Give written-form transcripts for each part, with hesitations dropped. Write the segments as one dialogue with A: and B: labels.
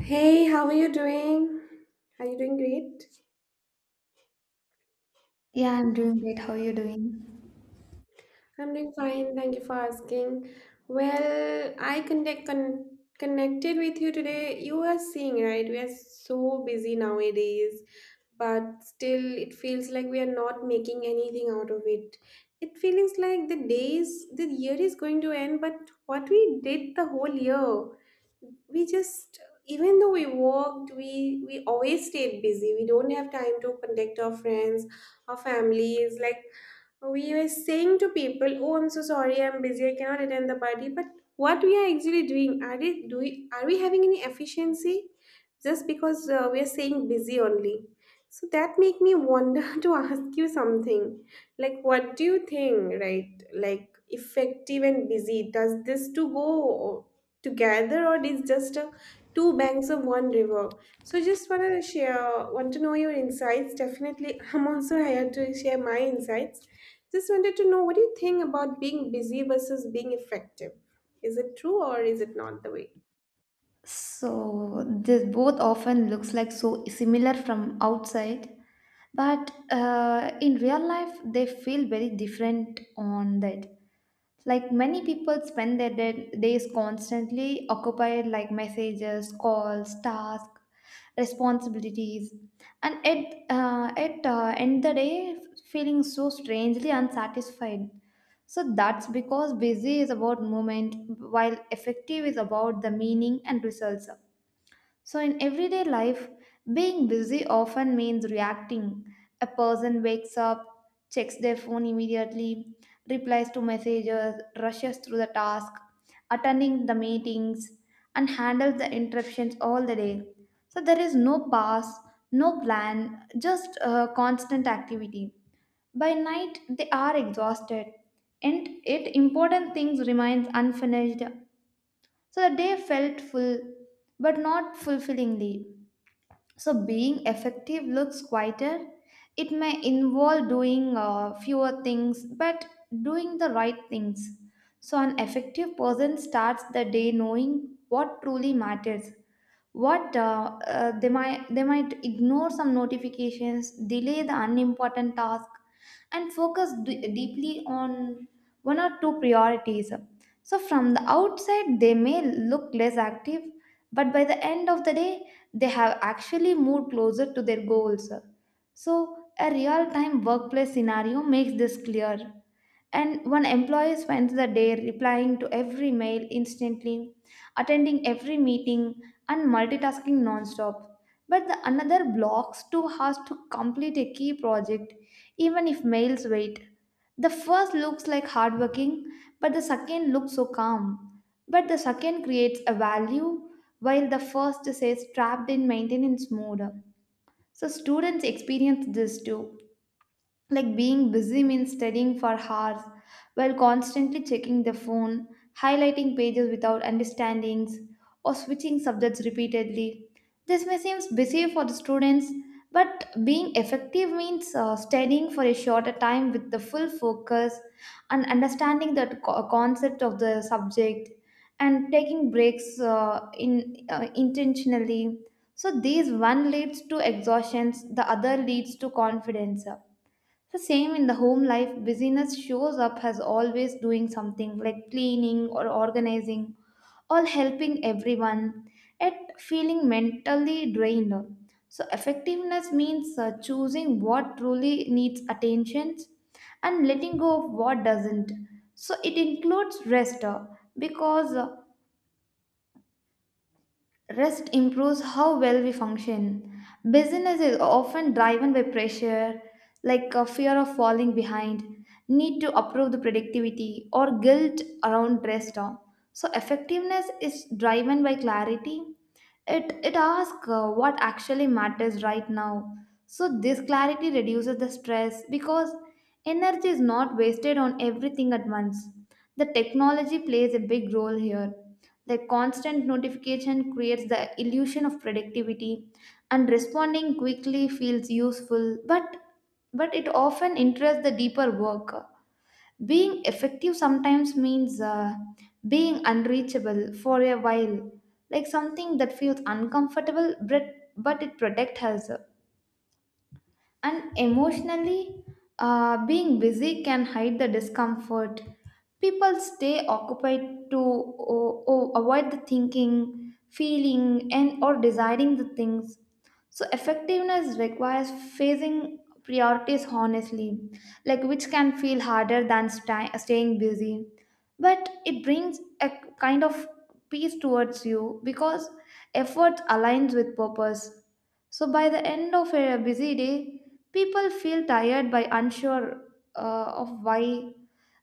A: Hey, how are you doing? Are you doing great?
B: Yeah, I'm doing great. How are you doing?
A: I'm doing fine. Thank you for asking. Well, I connected with you today. You are seeing, right? We are so busy nowadays, but still it feels like we are not making anything out of it. It feels like the days, the year is going to end, but what we did the whole year. We just even though we worked we always stayed busy, we don't have time to contact our friends, our families. Like we were saying to people, oh, I'm so sorry, I'm busy, I cannot attend the party, but what we are actually doing are, it do we doing, are we having any efficiency just because we are saying busy only. So that make me wonder to ask you something, like what do you think, right? Like effective and busy, does this to go together, or it's just a, two banks of one river. So just want to share, want to know your insights, definitely. I'm also here to share my insights, just wanted to know what do you think about being busy versus being effective. Is it true or is it not the way?
B: So this both often looks like so similar from outside, but in real life they feel very different on that. Like many people spend their days constantly occupied, like messages, calls, tasks, responsibilities, and at end the day feeling so strangely unsatisfied. So that's because busy is about movement while effective is about the meaning and results. So, in everyday life, being busy often means reacting. A person wakes up, checks their phone immediately, replies to messages, rushes through the task, attending the meetings, and handles the interruptions all the day. So, there is no pause, no plan, just constant activity. By night, they are exhausted, and it important things remains unfinished. So the day felt full, but not fulfillingly. So, being effective looks quieter. It may involve doing fewer things, but doing the right things. So, an effective person starts the day knowing what truly matters, what they might ignore some notifications, delay the unimportant task, and focus deeply on one or two priorities. So from the outside they may look less active, but by the end of the day they have actually moved closer to their goals. So a real time workplace scenario makes this clear. And one employee spends the day replying to every mail instantly, attending every meeting, and multitasking nonstop. But the another blocks 2 hours to complete a key project, even if mails wait. The first looks like hardworking, but the second looks so calm. But the second creates a value, while the first says trapped in maintenance mode. So students experience this too, like being busy means studying for hours while constantly checking the phone, highlighting pages without understandings, or switching subjects repeatedly. This may seem busy for the students, but being effective means studying for a shorter time with the full focus and understanding the concept of the subject and taking breaks in intentionally. So these one leads to exhaustions, the other leads to confidence. The same in the home life, busyness shows up as always doing something like cleaning or organizing or helping everyone, yet feeling mentally drained. So, effectiveness means choosing what truly needs attention and letting go of what doesn't. So, it includes rest because rest improves how well we function. Business is often driven by pressure, like a fear of falling behind, need to approve the productivity, or guilt around rest. So effectiveness is driven by clarity. It asks what actually matters right now. So this clarity reduces the stress because energy is not wasted on everything at once. The technology plays a big role here. The constant notification creates the illusion of productivity, and responding quickly feels useful, but it often interests the deeper work. Being effective sometimes means being unreachable for a while, like something that feels uncomfortable but it protects us. And emotionally, being busy can hide the discomfort. People stay occupied to avoid the thinking, feeling, and or desiring the things. So effectiveness requires facing priorities honestly, like which can feel harder than staying busy. But it brings a kind of peace towards you because effort aligns with purpose. So by the end of a busy day, people feel tired by unsure of why.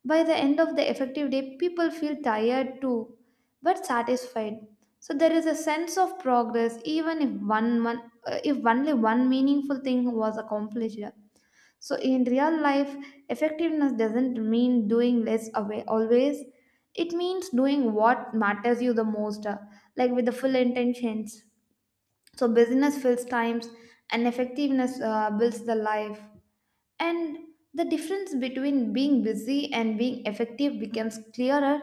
B: By the end of the effective day, people feel tired too, but satisfied. So there is a sense of progress, even if if only one meaningful thing was accomplished. So in real life, effectiveness doesn't mean doing less away always. It means doing what matters you the most, like with the full intentions. So business fills times and effectiveness builds the life. And the difference between being busy and being effective becomes clearer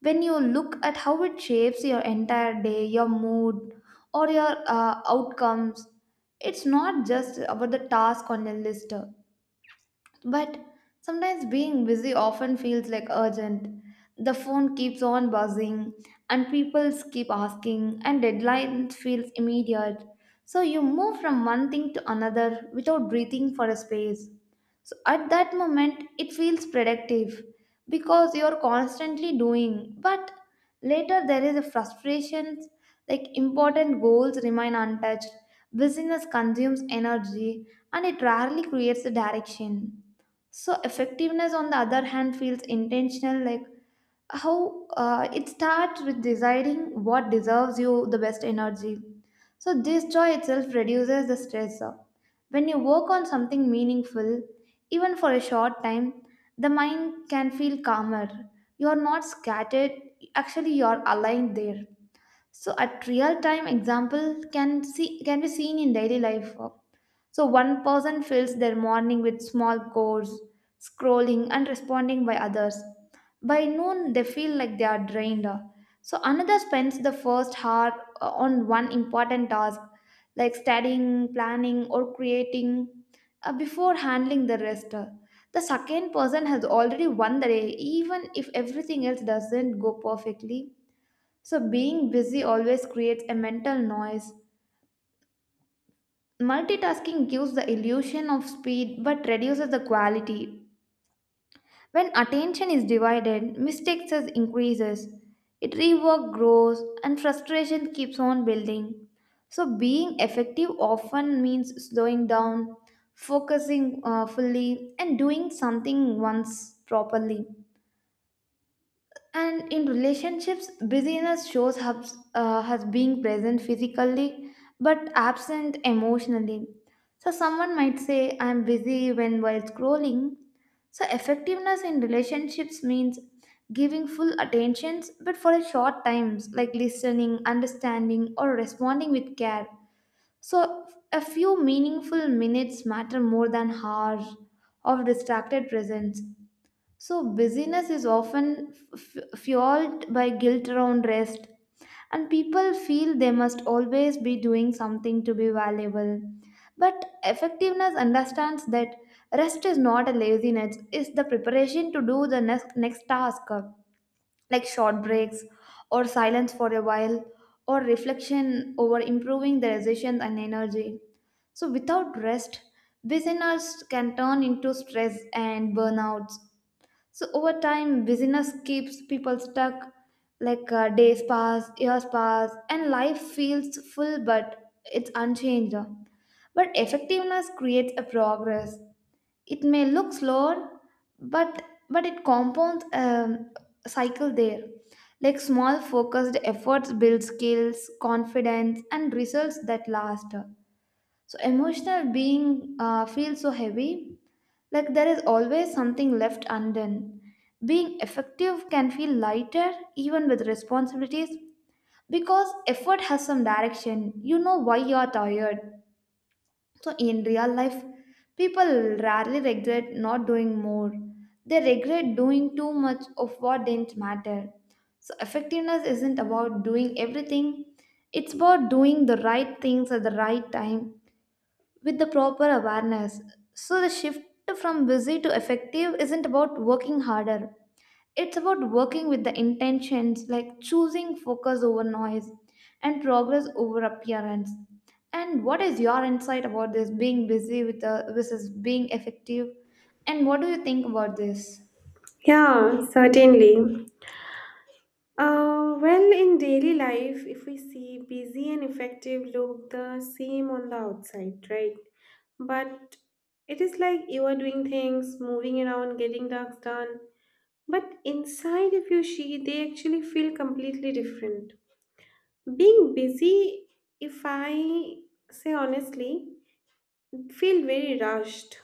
B: when you look at how it shapes your entire day, your mood, or your outcomes. It's not just about the task on your list, but sometimes being busy often feels like urgent. The phone keeps on buzzing, and people keep asking, and deadlines feels immediate. So you move from one thing to another without breathing for a space. So at that moment, it feels productive because you're constantly doing. But later, there is a frustration, like important goals remain untouched, busyness consumes energy, and it rarely creates a direction. So effectiveness, on the other hand, feels intentional. Like how it starts with deciding what deserves you the best energy. So this joy itself reduces the stress. When you work on something meaningful, even for a short time, the mind can feel calmer. You are not scattered. Actually, you are aligned there. So, a real time example can be seen in daily life. So one person fills their morning with small chores, scrolling and responding by others. By noon, they feel like they are drained. So another spends the first hour on one important task, like studying, planning, or creating, before handling the rest. The second person has already won the day, even if everything else doesn't go perfectly. So being busy always creates a mental noise. Multitasking gives the illusion of speed but reduces the quality. When attention is divided, mistakes is increases. It rework grows and frustration keeps on building. So being effective often means slowing down, focusing fully and doing something once properly. And in relationships, busyness shows us as being present physically but absent emotionally. So, someone might say, I'm busy when while scrolling. So, effectiveness in relationships means giving full attentions but for a short times, like listening, understanding, or responding with care. So, a few meaningful minutes matter more than hours of distracted presence. So, busyness is often fueled by guilt around rest, and people feel they must always be doing something to be valuable. But effectiveness understands that rest is not a laziness, it's the preparation to do the next task, like short breaks, or silence for a while, or reflection over improving the decisions and energy. So, without rest, busyness can turn into stress and burnouts. So over time, busyness keeps people stuck. Like days pass, years pass, and life feels full, but it's unchanged. But effectiveness creates a progress. It may look slow, but but it compounds cycle there. Like small focused efforts build skills, confidence, and results that last. So emotional being feels so heavy, like there is always something left undone. Being effective can feel lighter even with responsibilities because effort has some direction. You know why you are tired. So in real life, people rarely regret not doing more. They regret doing too much of what didn't matter. So effectiveness isn't about doing everything. It's about doing the right things at the right time with the proper awareness. So the shift from busy to effective isn't about working harder. It's about working with the intentions, like choosing focus over noise and progress over appearance. And what is your insight about this being busy with the versus being effective? And what do you think about this?
A: Yeah, certainly. Well, in daily life, if we see busy and effective look the same on the outside, right? But it is like you are doing things, moving around, getting tasks done. But inside, if you see, they actually feel completely different. Being busy, if I say honestly, feel very rushed.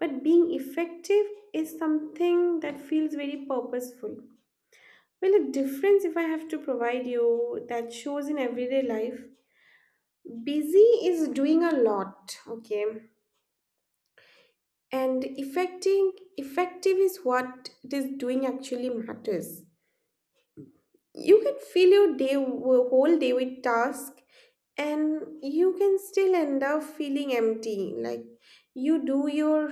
A: But being effective is something that feels very purposeful. Well, the difference, if I have to provide you, that shows in everyday life. Busy is doing a lot, okay? And effective is what it is doing actually matters. You can fill your day, whole day with tasks, and you can still end up feeling empty. Like you do your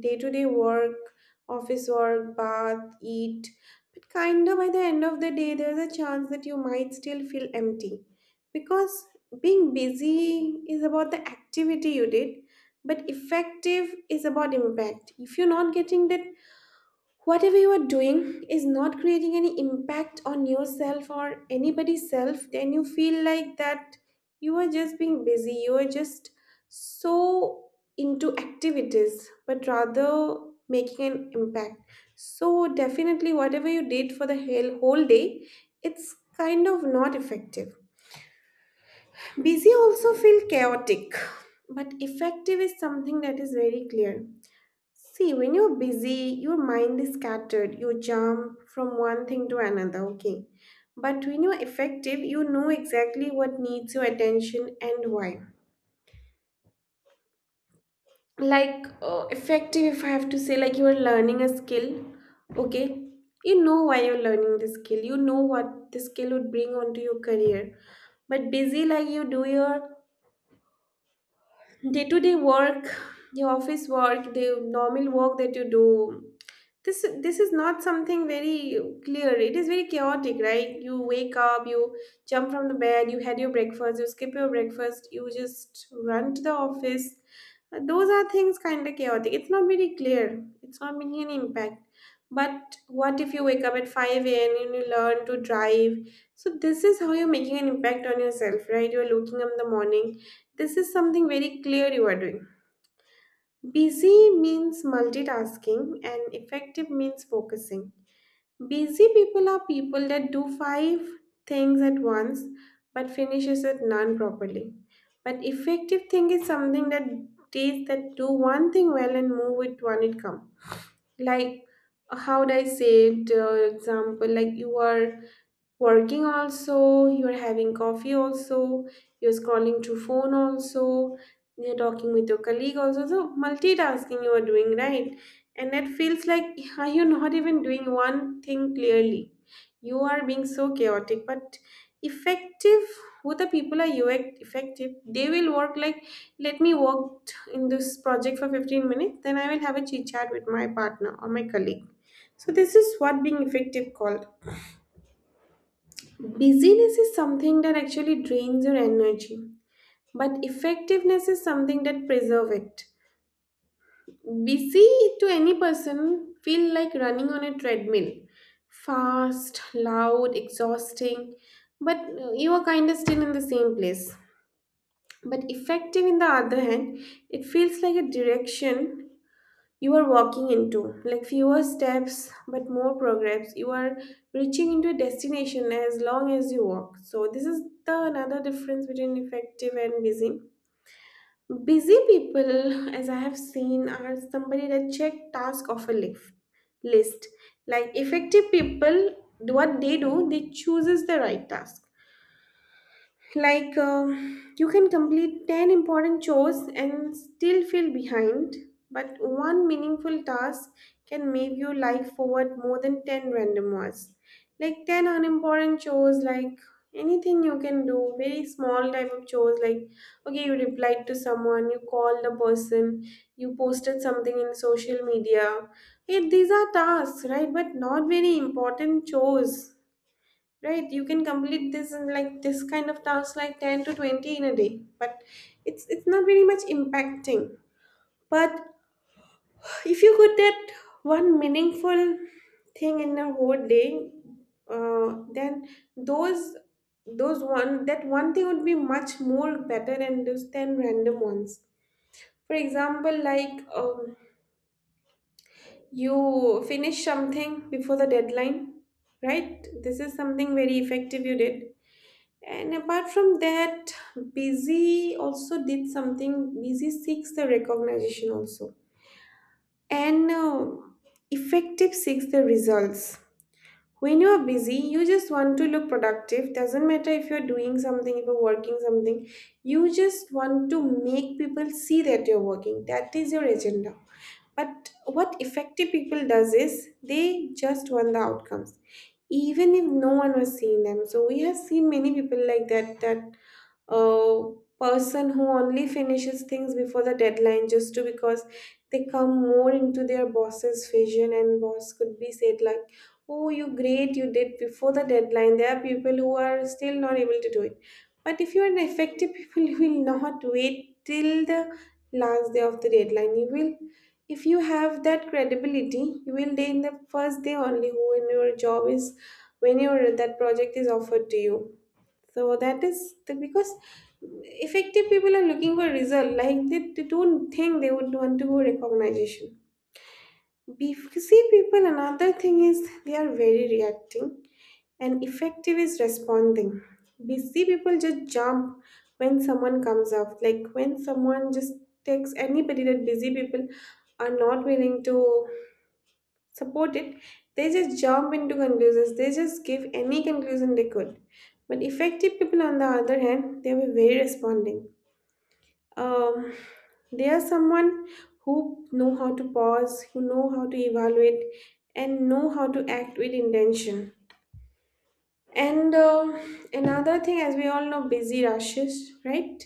A: day-to-day work, office work, bath, eat, but kind of by the end of the day there's a chance that you might still feel empty, because being busy is about the activity you did, but effective is about impact. If you're not getting that, whatever you are doing is not creating any impact on yourself or anybody's self, then you feel like that you are just being busy, you are just so into activities, but rather making an impact. So, definitely, whatever you did for the whole day, it's kind of not effective. Busy also feel chaotic, but effective is something that is very clear. See, when you're busy, your mind is scattered. You jump from one thing to another, okay? But when you're effective, you know exactly what needs your attention and why. Like, effective, if I have to say, like you are learning a skill, okay? You know why you're learning the skill, you know what the skill would bring onto your career. But busy, like you do your day to day work, your office work, the normal work that you do, this is not something very clear. It is very chaotic. Right, you wake up, you jump from the bed, you had your breakfast, you skip your breakfast, you just run to the office. Those are things kind of chaotic, it's not very clear, it's not making any impact. But what if you wake up at 5 a.m. and you learn to drive? So this is how you're making an impact on yourself, right? You're looking up in the morning, this is something very clear you are doing. Busy means multitasking and effective means focusing. Busy people are people that do five things at once but finishes at none properly. But effective thing is something that takes that do one thing well and move with one it comes. Like, how do I say it? Example, like you are working also, you're having coffee also, you're scrolling through phone also, you're talking with your colleague also, so multitasking you are doing, right? And that feels like are you not even doing one thing clearly? You are being so chaotic. But effective, who the people are, you effective, they will work like, let me work in this project for 15 minutes, then I will have a chit chat with my partner or my colleague. So this is what being effective called. Busyness is something that actually drains your energy, but effectiveness is something that preserves it. Busy to any person feel like running on a treadmill, fast, loud, exhausting, but you are kind of still in the same place. But effective, in the other hand, it feels like a direction you are walking into, like fewer steps but more progress. You are reaching into a destination as long as you walk. So this is the another difference between effective and busy. Busy people, as I have seen, are somebody that check task of a list. Like effective people, what they do, they chooses the right task. Like, you can complete 10 important chores and still feel behind, but one meaningful task can make your life forward more than 10 random ones. Like, 10 unimportant chores, like anything you can do, very small type of chores, like, okay, you replied to someone, you called the person, you posted something in social media. Hey, these are tasks, right? But not very important chores. Right, you can complete this in like this kind of tasks, like 10 to 20 in a day, but it's not very much impacting. But if you could get one meaningful thing in a whole day, then those those one that one thing would be much more better than those 10 random ones. For example, like you finish something before the deadline, right? This is something very effective you did. And apart from that, busy also did something. Busy seeks the recognition also. And effective seeks the results. When you are busy, you just want to look productive. Doesn't matter if you're doing something, if you're working something, you just want to make people see that you're working. That is your agenda. But what effective people does is they just want the outcomes, even if no one was seeing them. So we have seen many people like that, that a person who only finishes things before the deadline just to, because they come more into their boss's vision, and boss could be said like, oh, you great, you did before the deadline, there are people who are still not able to do it. But if you're an effective people, you will not wait till the last day of the deadline. You will, if you have that credibility, you will day in the first day only, when your job is, when your that project is offered to you. So that is the, because effective people are looking for result, like they don't think they would want to go recognition. See, people, another thing is they are very reacting, and effective is responding. Busy people just jump when someone comes up, like when someone just takes anybody, that busy people are not willing to support it, they just jump into conclusions. They just give any conclusion they could. But effective people, on the other hand, they were very responding. Um, they are someone who know how to pause, who know how to evaluate, and know how to act with intention. And another thing, as we all know, busy rushes, right?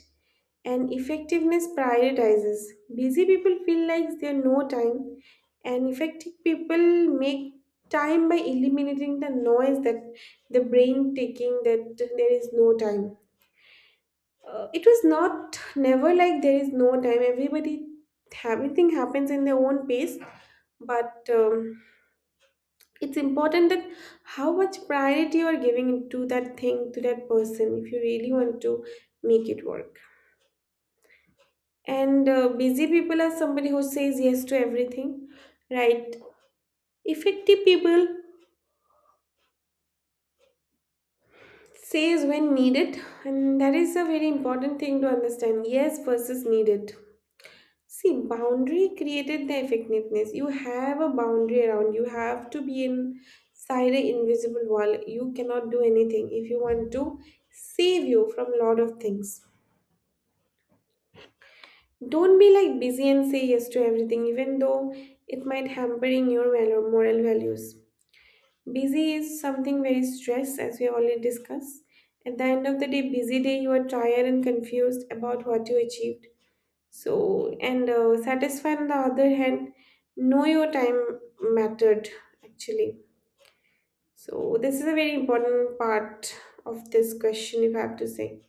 A: And effectiveness prioritizes. Busy people feel like there is no time, and effective people make time by eliminating the noise that the brain taking that there is no time. It was not never like there is no time. Everybody, everything happens in their own pace, but it's important that how much priority you are giving to that thing, to that person, if you really want to make it work. And busy people are somebody who says yes to everything, right? Effective people says when needed, and that is a very important thing to understand, yes versus needed. See, boundary created the effectiveness. You have a boundary around. You have to be inside an invisible wall. You cannot do anything if you want to save you from a lot of things. Don't be like busy and say yes to everything, even though it might hampering your valor, moral values. Busy is something very stress, as we have already discussed. At the end of the day, busy day, you are tired and confused about what you achieved. So, and satisfied on the other hand, know your time mattered actually. So, this is a very important part of this question, if I have to say.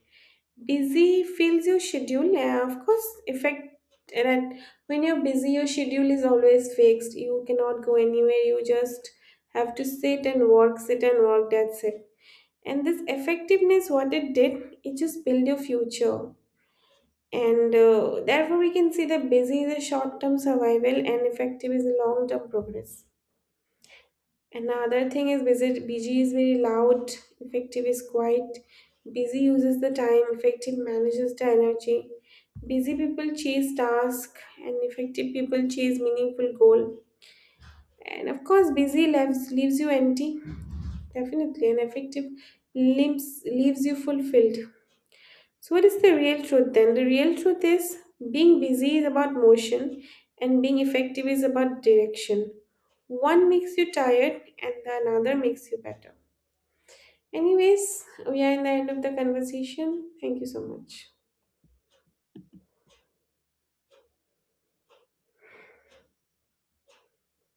A: Busy fills your schedule, yeah, of course, affect. And then when you're busy, your schedule is always fixed. You cannot go anywhere. You just have to sit and work, sit and work. That's it. And this effectiveness, what it did, it just built your future. And therefore, we can see that busy is a short term survival and effective is a long term progress. Another thing is busy, is very loud, effective is quiet. Busy uses the time, effective manages the energy. Busy people chase tasks, and effective people chase meaningful goal. And of course, busy leaves you empty, definitely, and effective leaves you fulfilled. So, what is the real truth then? The real truth is being busy is about motion and being effective is about direction. One makes you tired and the another makes you better. Anyways, we are in the end of the conversation. Thank you so much.